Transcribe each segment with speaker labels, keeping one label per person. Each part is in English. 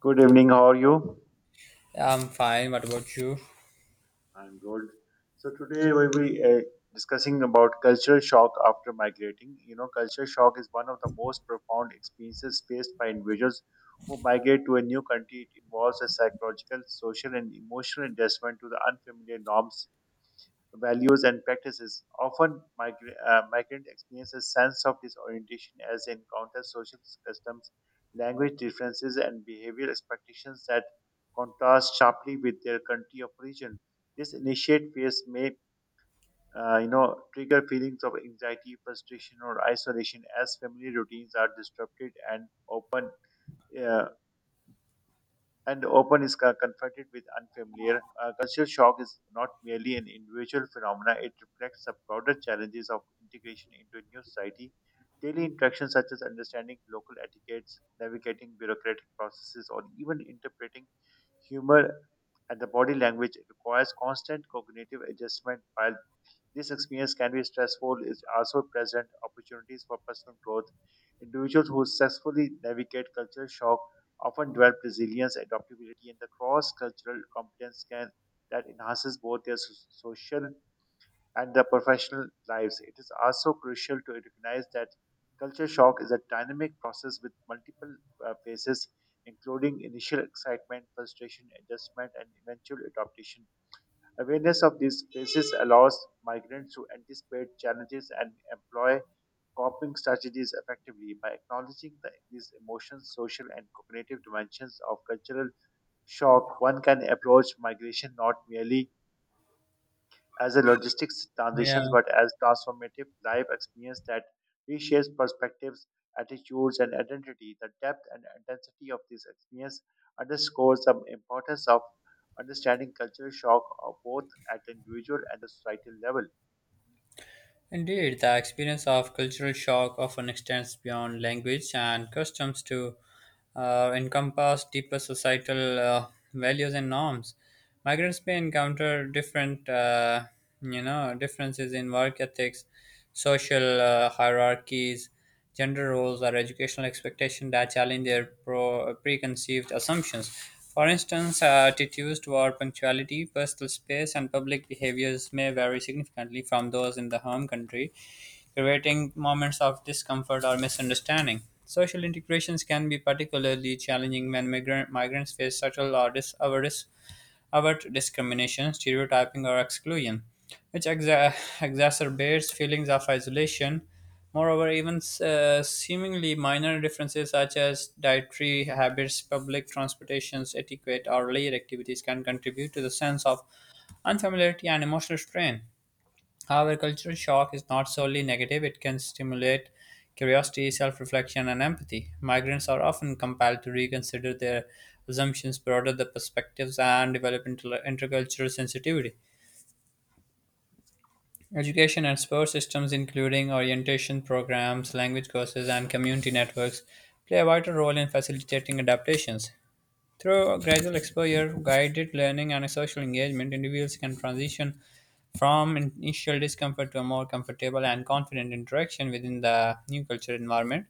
Speaker 1: Good evening, how are you?
Speaker 2: I'm fine. What about you?
Speaker 1: I'm good. So today we'll be discussing about cultural shock after migrating. You know, cultural shock is one of the most profound experiences faced by individuals who migrate to a new country. It involves a psychological, social, and emotional adjustment to the unfamiliar norms values and practices. Often, migrant experience a sense of disorientation as they encounter social customs, language differences, and behavioral expectations that contrast sharply with their country of origin. This initiate phase may trigger feelings of anxiety, frustration, or isolation as family routines are disrupted uh, and open is confronted with unfamiliar. Cultural shock is not merely an individual phenomena, it reflects the broader challenges of integration into a new society. Daily interactions such as understanding local etiquettes, navigating bureaucratic processes, or even interpreting humor and the body language requires constant cognitive adjustment while this experience can be stressful, it also present opportunities for personal growth. Individuals who successfully navigate cultural shock often develop resilience, adaptability, and the cross-cultural competence can that enhances both their social and their professional lives. It is also crucial to recognize that culture shock is a dynamic process with multiple phases, including initial excitement, frustration, adjustment, and eventual adaptation. Awareness of these spaces allows migrants to anticipate challenges and employ coping strategies effectively. By acknowledging these emotions, social, and cognitive dimensions of cultural shock, one can approach migration not merely as a logistics transitions,
Speaker 2: Yeah,
Speaker 1: but as transformative life experience that reshapes perspectives, attitudes, and identity. The depth and intensity of this experience underscores the importance of understanding cultural shock of both at the individual and the societal level.
Speaker 2: indeed. The experience of cultural shock often extends beyond language and customs to encompass deeper societal values and norms. Migrants may encounter differences in work ethics, social hierarchies, Gender roles are educational expectations that challenge their preconceived assumptions. For instance, attitudes toward punctuality, personal space, and public behaviors may vary significantly from those in the home country, creating moments of discomfort or misunderstanding. Social integrations can be particularly challenging when migrants face subtle or about discrimination, stereotyping, or exclusion, which exacerbates feelings of isolation. Moreover, even seemingly minor differences such as dietary habits, public transportations, etiquette, or leisure activities can contribute to the sense of unfamiliarity and emotional strain. However, cultural shock is not solely negative. It can stimulate curiosity, self reflection, and empathy. Migrants are often compelled to reconsider their assumptions, broaden their perspectives, and develop intercultural sensitivity. Education and support systems, including orientation programs, language courses, and community networks, play a vital role in facilitating adaptations. Through gradual exposure, guided learning, and social engagement, individuals can transition from initial discomfort to a more comfortable and confident interaction within the new cultural environment.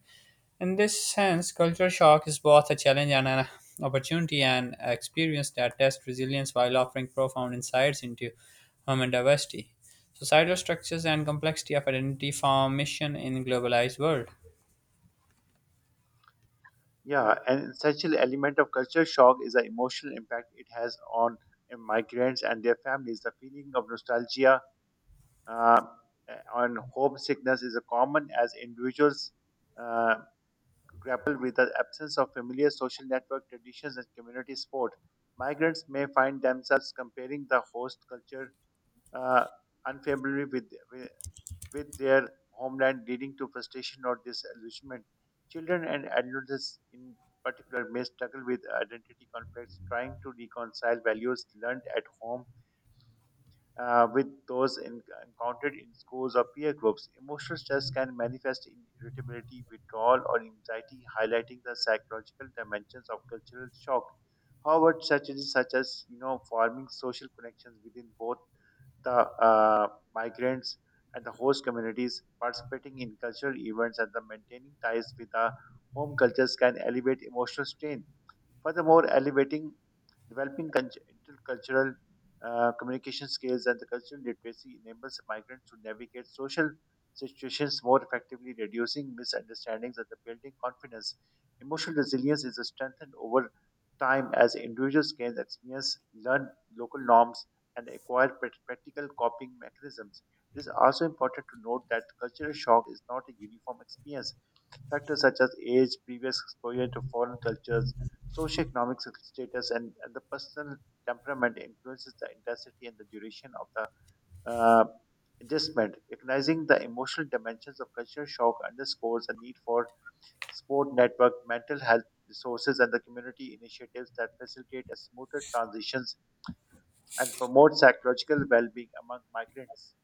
Speaker 2: In this sense, culture shock is both a challenge and an opportunity, an experience that tests resilience while offering profound insights into human diversity, societal structures, and complexity of identity formation in a globalized world.
Speaker 1: Yeah, an essential element of cultural shock is the emotional impact it has on migrants and their families. The feeling of nostalgia uh, on homesickness is a common as individuals uh, grapple with the absence of familiar social network traditions and community support. Migrants may find themselves comparing the host culture uh, unfavorably with their homeland, leading to frustration or disillusionment. Children and adolescents, in particular, may struggle with identity conflicts, trying to reconcile values learned at home with those encountered in schools or peer groups. Emotional stress can manifest in irritability, withdrawal, or anxiety, highlighting the psychological dimensions of cultural shock. However, strategies such as forming social connections within both the migrants and the host communities, participating in cultural events, and the maintaining ties with the home cultures can elevate emotional strain. Furthermore, elevating developing intercultural communication skills and the cultural literacy enables migrants to navigate social situations more effectively, reducing misunderstandings and the building confidence. Emotional resilience is strengthened over time as individuals gain experience, learn local norms, and acquire practical coping mechanisms. It is also important to note that cultural shock is not a uniform experience. Factors such as age, previous exposure to foreign cultures, socioeconomic status, and the personal temperament influences the intensity and the duration of the uh, adjustment. Recognizing the emotional dimensions of cultural shock underscores the need for support network, mental health resources, and the community initiatives that facilitate a smoother transitions and promote psychological well-being among migrants.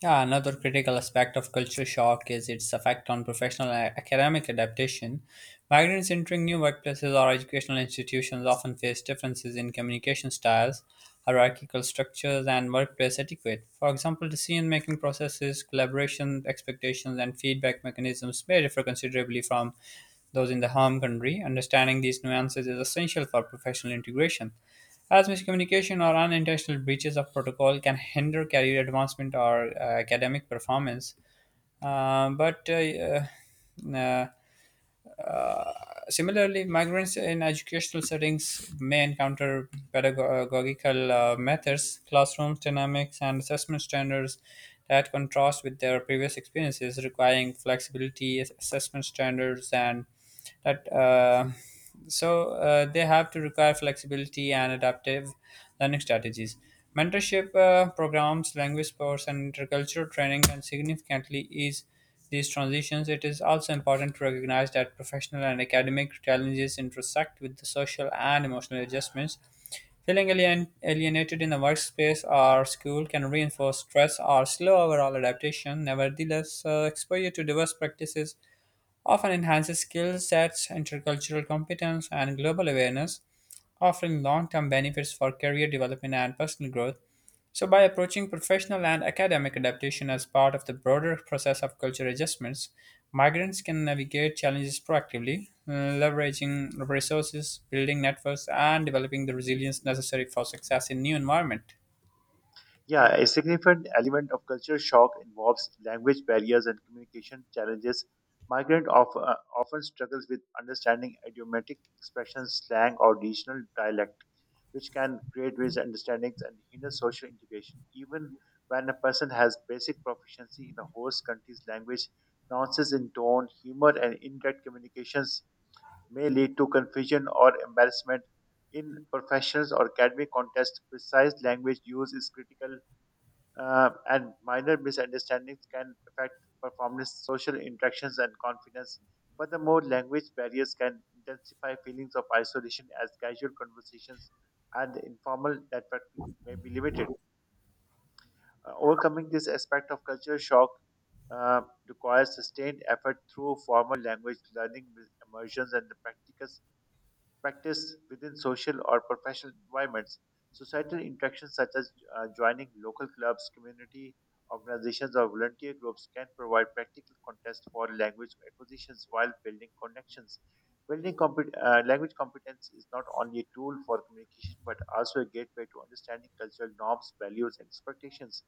Speaker 2: Yeah, another critical aspect of culture shock is its effect on professional and academic adaptation. Migrants entering new workplaces or educational institutions often face differences in communication styles, hierarchical structures, and workplace etiquette. For example, decision making processes, collaboration expectations, and feedback mechanisms may differ considerably from those in the home country. Understanding these nuances is essential for professional integration, as miscommunication or unintentional breaches of protocol can hinder career advancement or academic performance. But uh, uh, Similarly, migrants in educational settings may encounter pedagogical methods, classroom dynamics, and assessment standards that contrast with their previous experiences, requiring flexibility, assessment standards, and that so they have to require flexibility and adaptive learning strategies. Mentorship programs, language sports, and intercultural training can significantly ease these transitions. It is also important to recognize that professional and academic challenges intersect with the social and emotional adjustments. Feeling alienated in the workspace or school can reinforce stress or slow overall adaptation. Nevertheless, exposure to diverse practices often enhances skill sets, intercultural competence, and global awareness, offering long term benefits for career development and personal growth. So, by approaching professional and academic adaptation as part of the broader process of cultural adjustments, migrants can navigate challenges proactively, leveraging resources, building networks, and developing the resilience necessary for success in new environment.
Speaker 1: Yeah, a significant element of culture shock involves language barriers and communication challenges. Migrant of, often struggles with understanding idiomatic expressions, slang, or regional dialect, which can create misunderstandings and hinder social integration. Even when a person has basic proficiency in the host country's language, nuances in tone, humor, and indirect communications may lead to confusion or embarrassment. In professionals or academic contexts, precise language use is critical and minor misunderstandings can affect performance, social interactions, and confidence. Furthermore, language barriers can intensify feelings of isolation as casual conversations and informal networking may be limited. Overcoming this aspect of cultural shock uh, requires sustained effort through formal language learning, immersions, and the practical practiced within social or professional environments. Societal interactions such as joining local clubs, community organizations, or volunteer groups can provide practical context for language acquisitions while building connections. Building language competence is not only a tool for communication but also a gateway to understanding cultural norms, values, and expectations.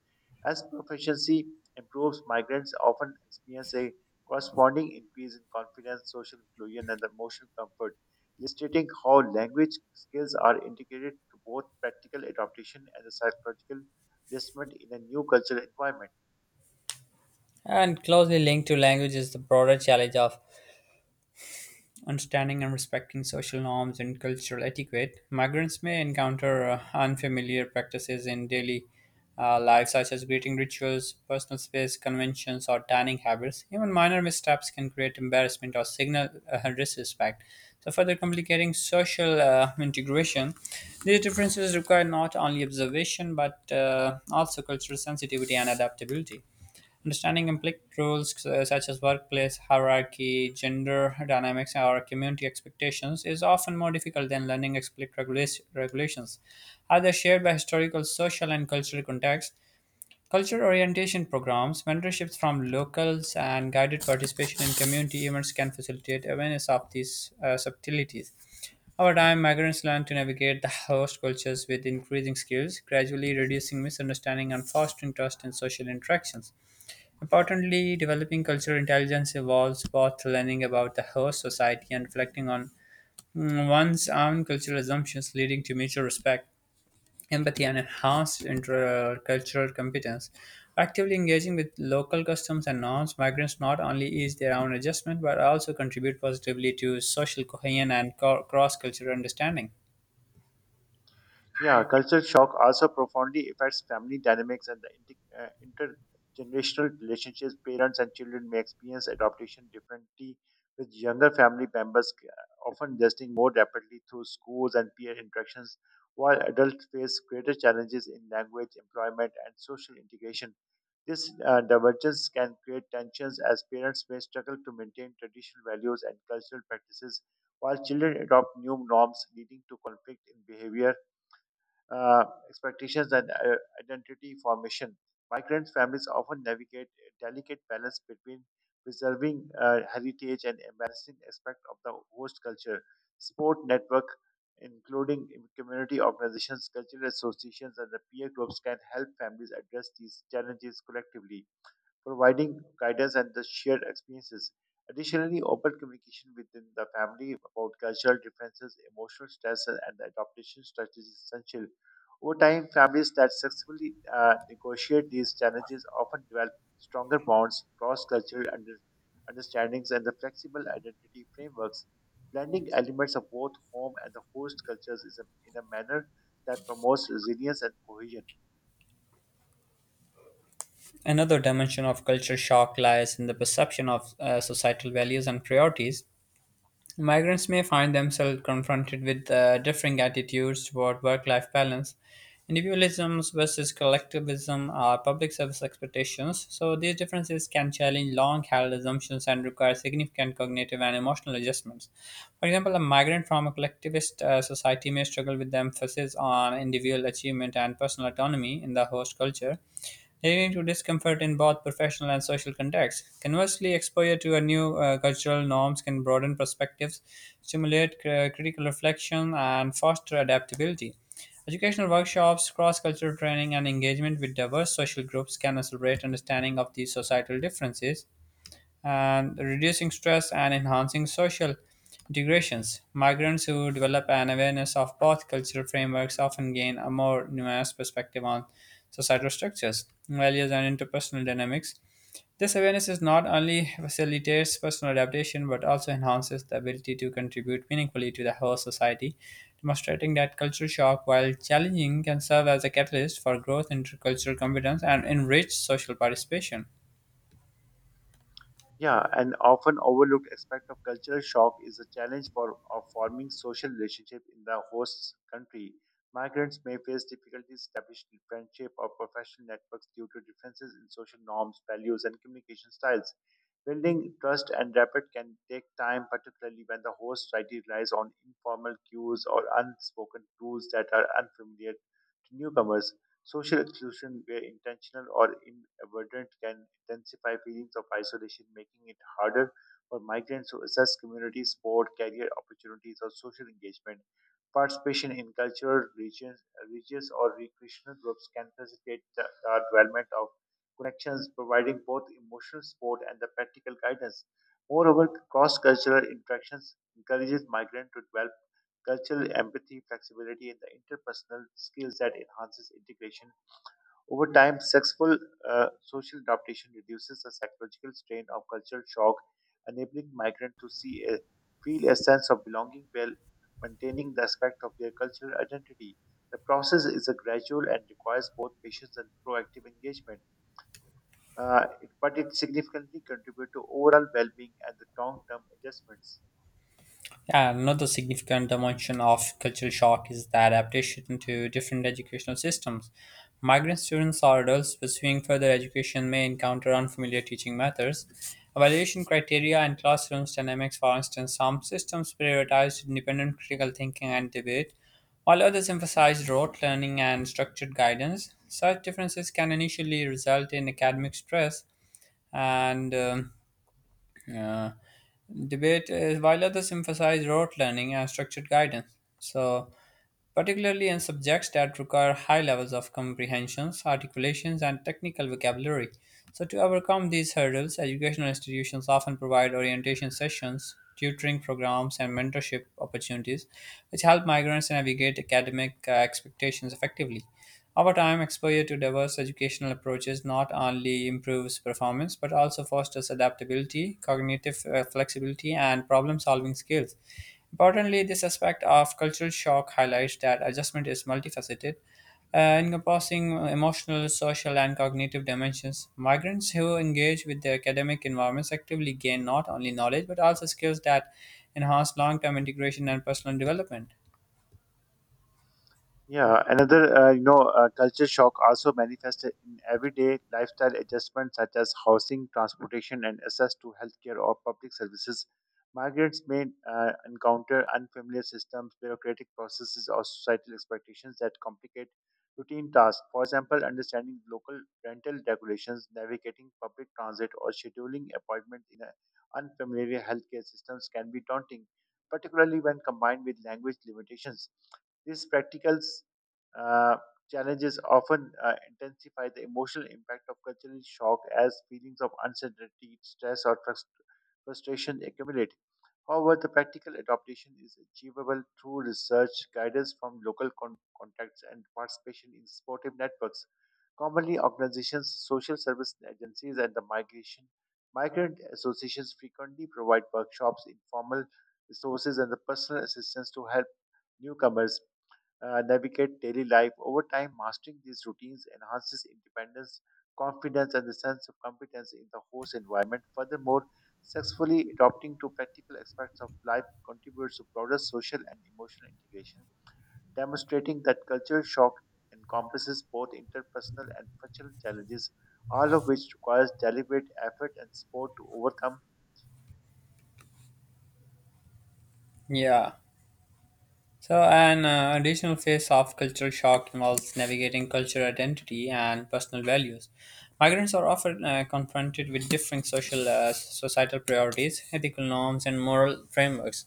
Speaker 1: As proficiency improves, migrants often experience a corresponding increase in confidence, social inclusion, and emotional comfort illustrating how language skills are integrated to both practical adaptation and the psychological adjustment in a new cultural environment.
Speaker 2: And closely linked to language is the broader challenge of understanding and respecting social norms and cultural etiquette. Migrants may encounter unfamiliar practices in daily life, such as greeting rituals, personal space conventions, or dining habits. Even minor missteps can create embarrassment or signal disrespect. So, further complicating social integration, these differences require not only observation but also cultural sensitivity and adaptability. Understanding implied roles such as workplace hierarchy, gender dynamics, or community expectations is often more difficult than learning explicit regulations. Are they shared by historical, social, and cultural contexts? Cultural orientation programs, mentorships from locals, and guided participation in community events can facilitate awareness of these subtleties. Over time, migrants learn to navigate the host cultures with increasing skills, gradually reducing misunderstanding and fostering trust in social interactions. Importantly, developing cultural intelligence involves both learning about the host society and reflecting on one's own cultural assumptions, leading to mutual respect, empathy, and enhanced intercultural competence. Actively engaging with local customs and norms, migrants not only ease their own adjustment but also contribute positively to social cohesion and cross cultural understanding.
Speaker 1: Yeah, cultural shock also profoundly affects family dynamics and the intergenerational relationships. Parents and children may experience adaptation differently, with younger family members often adjusting more rapidly through schools and peer interactions, while adults face greater challenges in language, employment, and social integration. This divergence can create tensions as parents may struggle to maintain traditional values and cultural practices while children adopt new norms, leading to conflict in behavior, uh, expectations, and identity formation. Migrant families often navigate a delicate balance between preserving heritage and embracing aspects of the host culture. Sport network, including community organizations, cultural associations, and the peer groups, can help families address these challenges collectively providing guidance and the shared experiences. Additionally, open communication within the family about cultural differences, emotional stress, and the adaptation strategies is essential. Over time, families that successfully negotiate these challenges often develop stronger bonds, cross-cultural understandings, and the flexible identity frameworks. Blending elements of both home and the host cultures is a, in a manner that promotes resilience and cohesion.
Speaker 2: Another dimension of culture shock lies in the perception of societal values and priorities. Migrants may find themselves confronted with differing attitudes toward work life balance, individualism versus collectivism, or public service expectations. So, these differences can challenge long held assumptions and require significant cognitive and emotional adjustments. For example, a migrant from a collectivist society may struggle with the emphasis on individual achievement and personal autonomy in the host culture, leading to discomfort in both professional and social contexts. Conversely, exposure to a new cultural norms can broaden perspectives, stimulate critical reflection, and foster adaptability. Educational workshops, cross-cultural training, and engagement with diverse social groups can accelerate understanding of these societal differences and reducing stress and enhancing social integrations. Migrants who develop an awareness of both cultural frameworks often gain a more nuanced perspective on societal structures, values, and interpersonal dynamics. This awareness is not only facilitates personal adaptation but also enhances the ability to contribute meaningfully to the whole society, demonstrating that cultural shock, while challenging, can serve as a catalyst for growth, intercultural competence, and enriched social participation.
Speaker 1: Yeah, an often overlooked aspect of cultural shock is the challenge for of forming social relationship in the host country. Migrants may face difficulties establishing friendship or professional networks due to differences in social norms, values, and communication styles. Building trust and rapport can take time, particularly when the host society relies on informal cues or unspoken rules that are unfamiliar to newcomers. Social exclusion, where intentional or inadvertent, can intensify feelings of isolation, making it harder for migrants to assess community support, career opportunities, or social engagement. Participation in cultural, regions, religious, or recreational groups can facilitate the development of connections, providing both emotional support and the practical guidance. Moreover, cross-cultural interactions encourages migrants to develop cultural empathy, flexibility, and the interpersonal skills that enhances integration over time, successful social adaptation reduces the psychological strain of cultural shock, enabling migrants to feel a sense of belonging while maintaining the aspect of their cultural identity. The process is a gradual and requires both patience and proactive engagement, but it significantly contributes to overall well-being and the long-term adjustments.
Speaker 2: Yeah, another significant dimension of cultural shock is the adaptation to different educational systems. Migrant students or adults pursuing further education may encounter unfamiliar teaching methods, evaluation criteria, and classrooms dynamics. For instance, some systems prioritize independent critical thinking and debate, while others emphasize rote learning and structured guidance. Such differences can initially result in academic stress and uh, debate is while others emphasize rote learning and structured guidance. So particularly in subjects that require high levels of comprehensions, articulations, and technical vocabulary. So, to overcome these hurdles, educational institutions often provide orientation sessions, tutoring programs, and mentorship opportunities, which help migrants navigate academic expectations effectively. Over time, exposure to diverse educational approaches not only improves performance but also fosters adaptability, cognitive flexibility, and problem solving skills. Importantly, this aspect of cultural shock highlights that adjustment is multifaceted, encompassing emotional, social, and cognitive dimensions. Migrants who engage with their academic environments actively gain not only knowledge but also skills that enhance long term integration and personal development.
Speaker 1: Yeah, another culture shock also manifested in everyday lifestyle adjustments such as housing, transportation, and access to healthcare or public services. Migrants may encounter unfamiliar systems, bureaucratic processes, or societal expectations that complicate routine tasks. For example, understanding local rental regulations, navigating public transit, or scheduling appointments in a unfamiliar healthcare systems can be daunting, particularly when combined with language limitations. These practical uh, challenges often intensify the emotional impact of cultural shock as feelings of uncertainty, stress, or frustration accumulate. However, the practical adaptation is achievable through research, guidance from local contacts, and participation in supportive networks. Commonly, organizations, social service agencies, and the migration migrant associations frequently provide workshops, informal resources, and the personal assistance to help newcomers navigate daily life. Over time, mastering these routines enhances independence, confidence, and the sense of competence in the host environment. Furthermore, successfully adopting to practical aspects of life contributes to broader social and emotional integration, demonstrating that cultural shock encompasses both interpersonal and functional challenges, all of which requires deliberate effort and support to overcome.
Speaker 2: Yeah. So, an additional phase of cultural shock involves navigating cultural identity and personal values. Migrants are often confronted with differing societal priorities, ethical norms, and moral frameworks,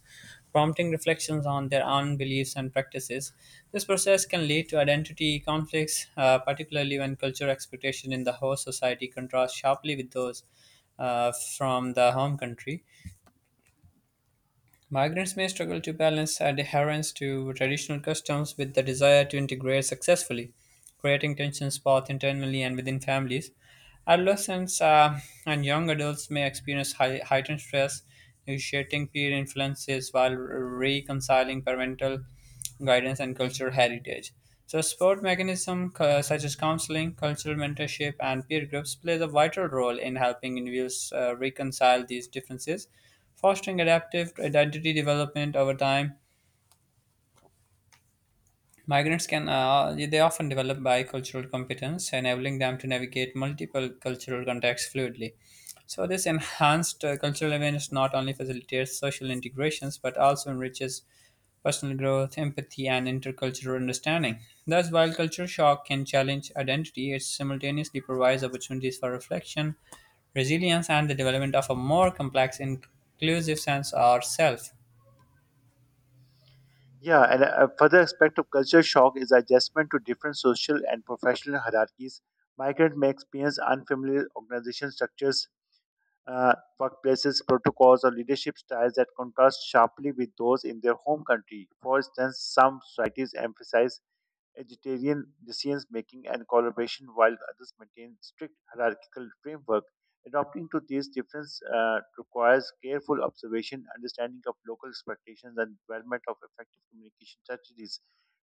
Speaker 2: prompting reflections on their own beliefs and practices. This process can lead to identity conflicts, particularly when cultural expectations in the host society contrast sharply with those from the home country. Migrants may struggle to balance adherence to traditional customs with the desire to integrate successfully, creating tensions both internally and within families. Adolescents and young adults may experience heightened stress, negotiating peer influences while reconciling parental guidance and cultural heritage. So, support mechanisms such as counseling, cultural mentorship, and peer groups plays a vital role in helping individuals reconcile these differences. Fostering adaptive identity development over time, migrants can they often develop bicultural competence, enabling them to navigate multiple cultural contexts fluidly. So this enhanced cultural awareness not only facilitates social integrations but also enriches personal growth, empathy, and intercultural understanding. Thus, while culture shock can challenge identity, it simultaneously provides opportunities for reflection, resilience, and the development of a more complex, inclusive sense of self.
Speaker 1: Yeah, and a further aspect of culture shock is adjustment to different social and professional hierarchies. Migrants may experience unfamiliar organization structures, uh, workplaces, protocols, or leadership styles that contrast sharply with those in their home country. For instance, some societies emphasize egalitarian decisions making and collaboration, while others maintain strict hierarchical framework. Adopting to these differences requires careful observation, understanding of local expectations, and development of effective communication strategies.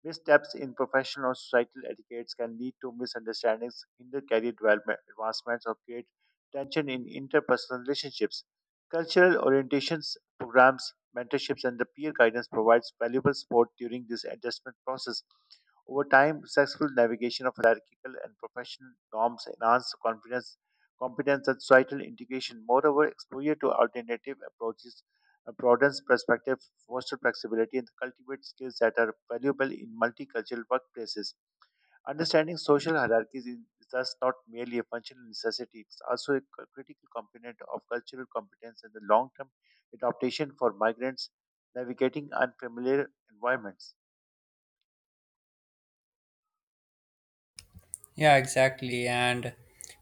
Speaker 1: Missteps in professional or societal etiquettes can lead to misunderstandings, hinder career development, advancements, or create tension in interpersonal relationships. Cultural orientations, programs, mentorships, and the peer guidance provides valuable support during this adjustment process. Over time, successful navigation of hierarchical and professional norms enhances confidence, competence, and societal integration. Moreover, exposure to alternative approaches broadens perspective, fosters flexibility, and cultivates skills that are valuable in multicultural workplaces. Understanding social hierarchies is thus not merely a functional necessity, it's also a critical component of cultural competence and the long term adaptation for migrants navigating unfamiliar environments.
Speaker 2: Yeah, exactly. And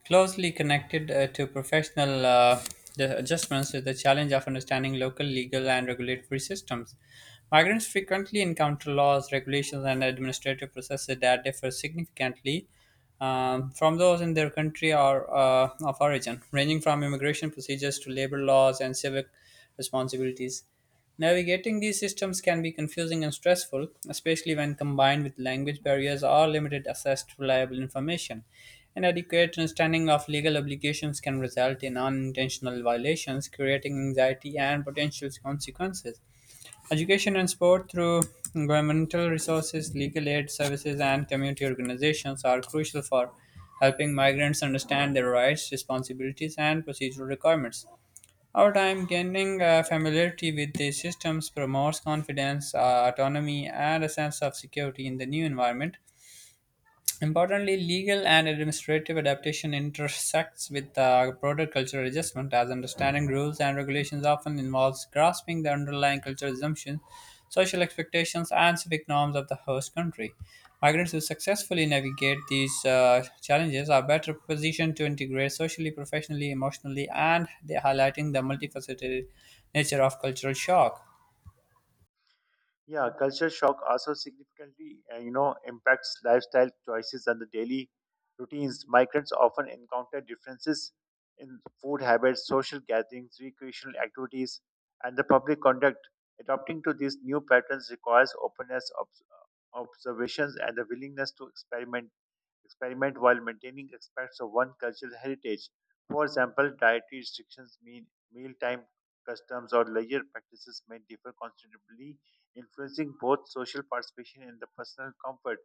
Speaker 2: closely connected to professional the adjustments is the challenge of understanding local legal and regulatory systems. Migrants frequently encounter laws, regulations, and administrative processes that differ significantly from those in their country or of origin, ranging from immigration procedures to labor laws and civic responsibilities. Navigating these systems can be confusing and stressful, especially when combined with language barriers or limited access to reliable information. An adequate understanding of legal obligations can result in unintentional violations, creating anxiety and potential consequences. Education and sport through governmental resources, legal aid services, and community organizations are crucial for helping migrants understand their rights, responsibilities, and procedural requirements. Over time, gaining familiarity with these systems promotes confidence, autonomy, and a sense of security in the new environment. Importantly, legal and administrative adaptation intersects with broader cultural adjustment, as understanding rules and regulations often involves grasping the underlying cultural assumptions, social expectations, and civic norms of the host country. Migrants who successfully navigate these challenges are better positioned to integrate socially, professionally, emotionally, and they highlighting the multifaceted nature of cultural shock.
Speaker 1: Yeah, culture shock also significantly, impacts lifestyle choices and the daily routines. Migrants often encounter differences in food habits, social gatherings, recreational activities, and the public conduct. Adopting to these new patterns requires openness, observations, and the willingness to experiment while maintaining aspects of one cultural heritage. For example, dietary restrictions, mean mealtime customs, or leisure practices may differ considerably, influencing both social participation and the personal comfort.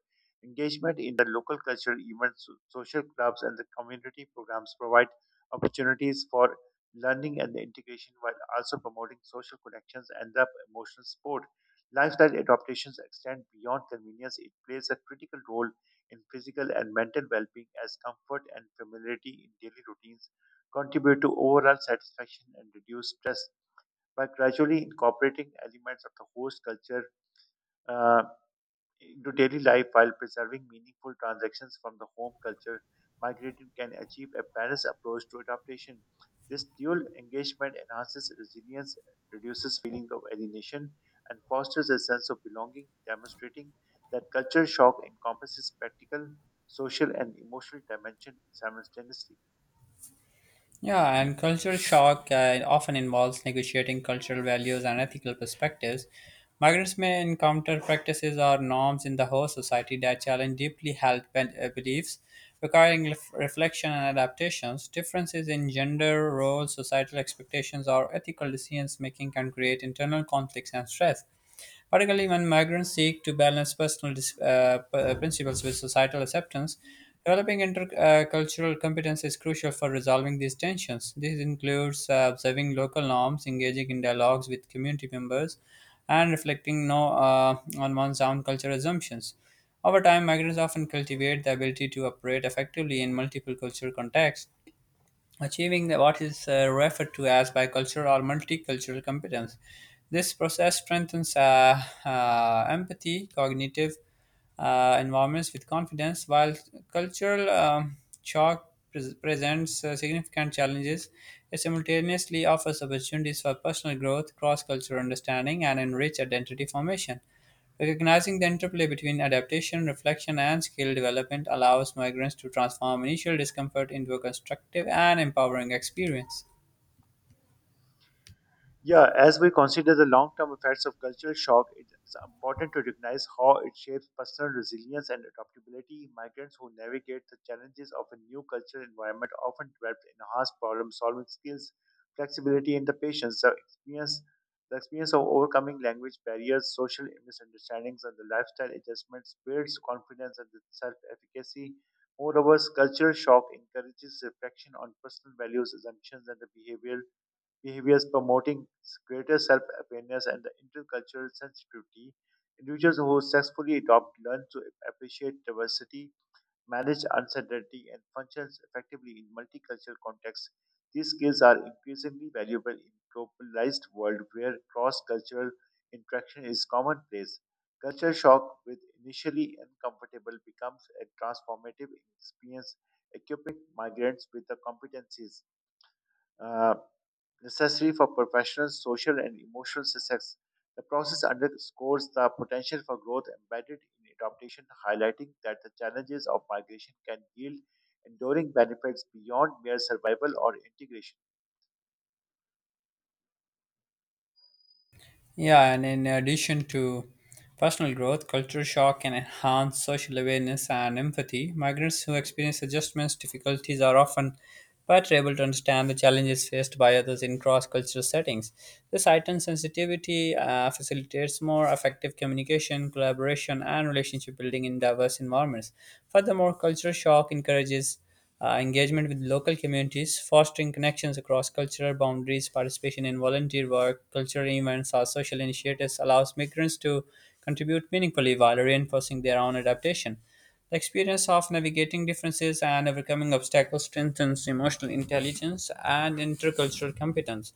Speaker 1: Engagement in the local cultural events, social clubs, and the community programs provide opportunities for learning and integration while also promoting social connections and the emotional support. Lifestyle adaptations extend beyond convenience. It plays a critical role in physical and mental well being as comfort and familiarity in daily routines contribute to overall satisfaction and reduce stress. By gradually incorporating elements of the host culture, uh, into daily life while preserving meaningful transactions from the home culture, migrated can achieve a balanced approach to adaptation. This dual engagement enhances resilience, reduces feelings of alienation, and fosters a sense of belonging, demonstrating that culture shock encompasses practical, social, and emotional dimension simultaneously.
Speaker 2: Yeah, and cultural shock often involves negotiating cultural values and ethical perspectives. Migrants may encounter practices or norms in the host society that challenge deeply held beliefs, requiring reflection and adaptations. Differences in gender, roles, societal expectations, or ethical decisions making can create internal conflicts and stress, particularly when migrants seek to balance personal principles with societal acceptance. Developing intercultural competence is crucial for resolving these tensions. This includes observing local norms, engaging in dialogues with community members, and reflecting no, on one's own cultural assumptions. Over time, migrants often cultivate the ability to operate effectively in multiple cultural contexts, achieving what is referred to as bicultural or multicultural competence. This process strengthens empathy, cognitive environments with confidence, while cultural shock presents significant challenges. It simultaneously offers opportunities for personal growth, cross cultural understanding, and enriched identity formation. Recognizing the interplay between adaptation, reflection, and skill development allows migrants to transform initial discomfort into a constructive and empowering experience.
Speaker 1: Yeah, as we consider the long term effects of cultural shock, it is important to recognize how it shapes personal resilience and adaptability. Migrants who navigate the challenges of a new cultural environment often develop enhanced problem solving skills, flexibility, and the patience. The experience of overcoming language barriers, social misunderstandings, and the lifestyle adjustments builds confidence and self efficacy. Moreover, cultural shock encourages reflection on personal values, assumptions, and the behavioral behaviors promoting greater self awareness and the intercultural sensitivity. Individuals who successfully adopt learn to appreciate diversity, manage uncertainty, and function effectively in multicultural contexts. These skills are increasingly valuable in globalized world where cross-cultural interaction is commonplace. Culture shock, with initially uncomfortable, becomes a transformative experience, equipping migrants with the competencies. uh, necessary for professional, social, and emotional success. The process underscores the potential for growth embedded in adaptation, highlighting that the challenges of migration can yield enduring benefits beyond mere survival or integration.
Speaker 2: Yeah, and in addition to personal growth, cultural shock can enhance social awareness and empathy. Migrants who experience adjustments difficulties are often better able to understand the challenges faced by others in cross-cultural settings. This heightened sensitivity facilitates more effective communication, collaboration, and relationship building in diverse environments. Furthermore, cultural shock encourages engagement with local communities, fostering connections across cultural boundaries. Participation in volunteer work, cultural events, or social initiatives allows migrants to contribute meaningfully while reinforcing their own adaptation. The experience of navigating differences and overcoming obstacles strengthens emotional intelligence and intercultural competence,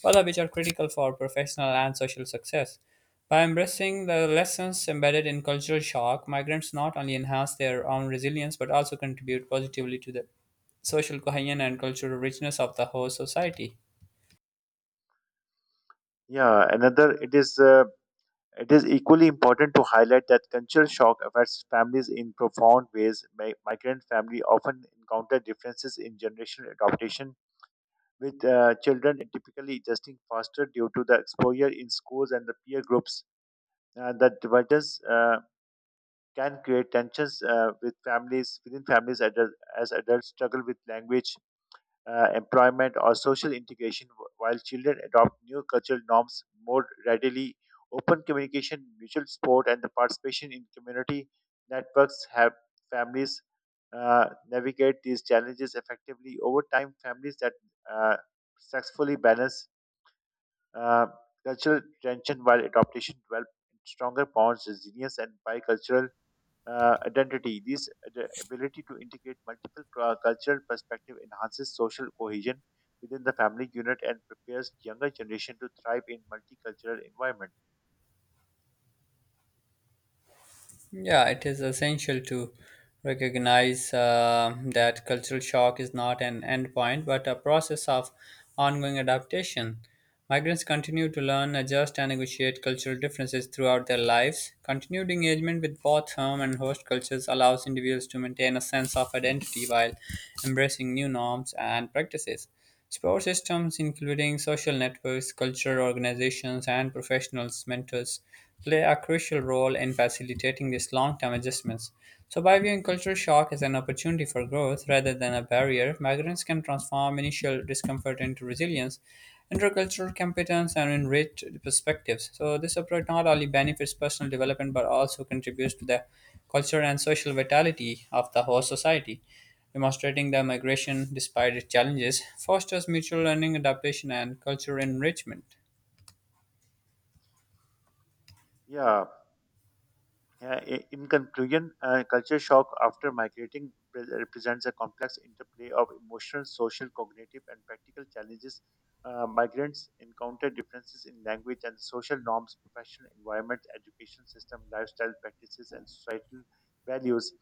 Speaker 2: both of which are critical for professional and social success. By embracing the lessons embedded in cultural shock, migrants not only enhance their own resilience but also contribute positively to the social cohesion and cultural richness of the host society.
Speaker 1: Yeah, another it is equally important to highlight that cultural shock affects families in profound ways. Migrant family often encounter differences in generational adaptation with children typically adjusting faster due to the exposure in schools and the peer groups. The dividends can create tensions with families within families as as adults struggle with language, employment, or social integration, while children adopt new cultural norms more readily. Open communication, mutual support, and the participation in community networks have families uh, navigate these challenges effectively over time. Families that uh, successfully balance uh, cultural tension while adaptation develop stronger bonds, resilience, and bicultural identity. This ability to integrate multiple cultural perspective enhances social cohesion within the family unit and prepares younger generation to thrive in multicultural environment.
Speaker 2: Yeah, it is essential to recognize that cultural shock is not an endpoint but a process of ongoing adaptation. Migrants continue to learn, adjust, and negotiate cultural differences throughout their lives. Continued engagement with both home and host cultures allows individuals to maintain a sense of identity while embracing new norms and practices. Support systems, including social networks, cultural organizations, and professionals' mentors, play a crucial role in facilitating these long term adjustments. So, by viewing cultural shock as an opportunity for growth rather than a barrier, migrants can transform initial discomfort into resilience, intercultural competence, and enriched perspectives. So, this approach not only benefits personal development but also contributes to the culture and social vitality of the whole society, demonstrating that migration, despite its challenges, fosters mutual learning, adaptation, and cultural enrichment.
Speaker 1: Yeah. In conclusion, culture shock after migrating represents a complex interplay of emotional, social, cognitive, and practical challenges. Migrants encounter differences in language and social norms, professional environment, education system, lifestyle practices, and societal values.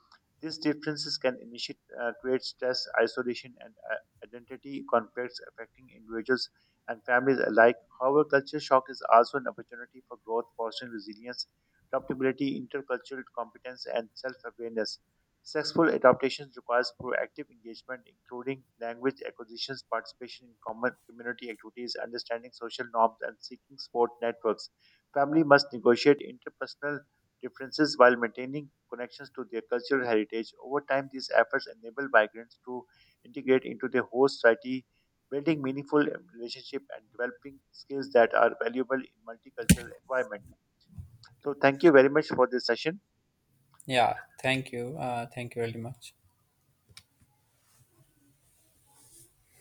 Speaker 1: These differences can create stress, isolation, and identity conflicts affecting individuals and families alike. However, culture shock is also an opportunity for growth, fostering resilience, adaptability, intercultural competence, and self awareness. Successful adaptation requires proactive engagement, including language acquisitions, participation in common community activities, understanding social norms, and seeking support networks. Family must negotiate interpersonal differences while maintaining connections to their cultural heritage. Over time, these efforts enable migrants to integrate into their host society, building meaningful relationship and developing skills that are valuable in multicultural environment. So thank you very much for this session.
Speaker 2: Yeah, thank you. Thank you very much.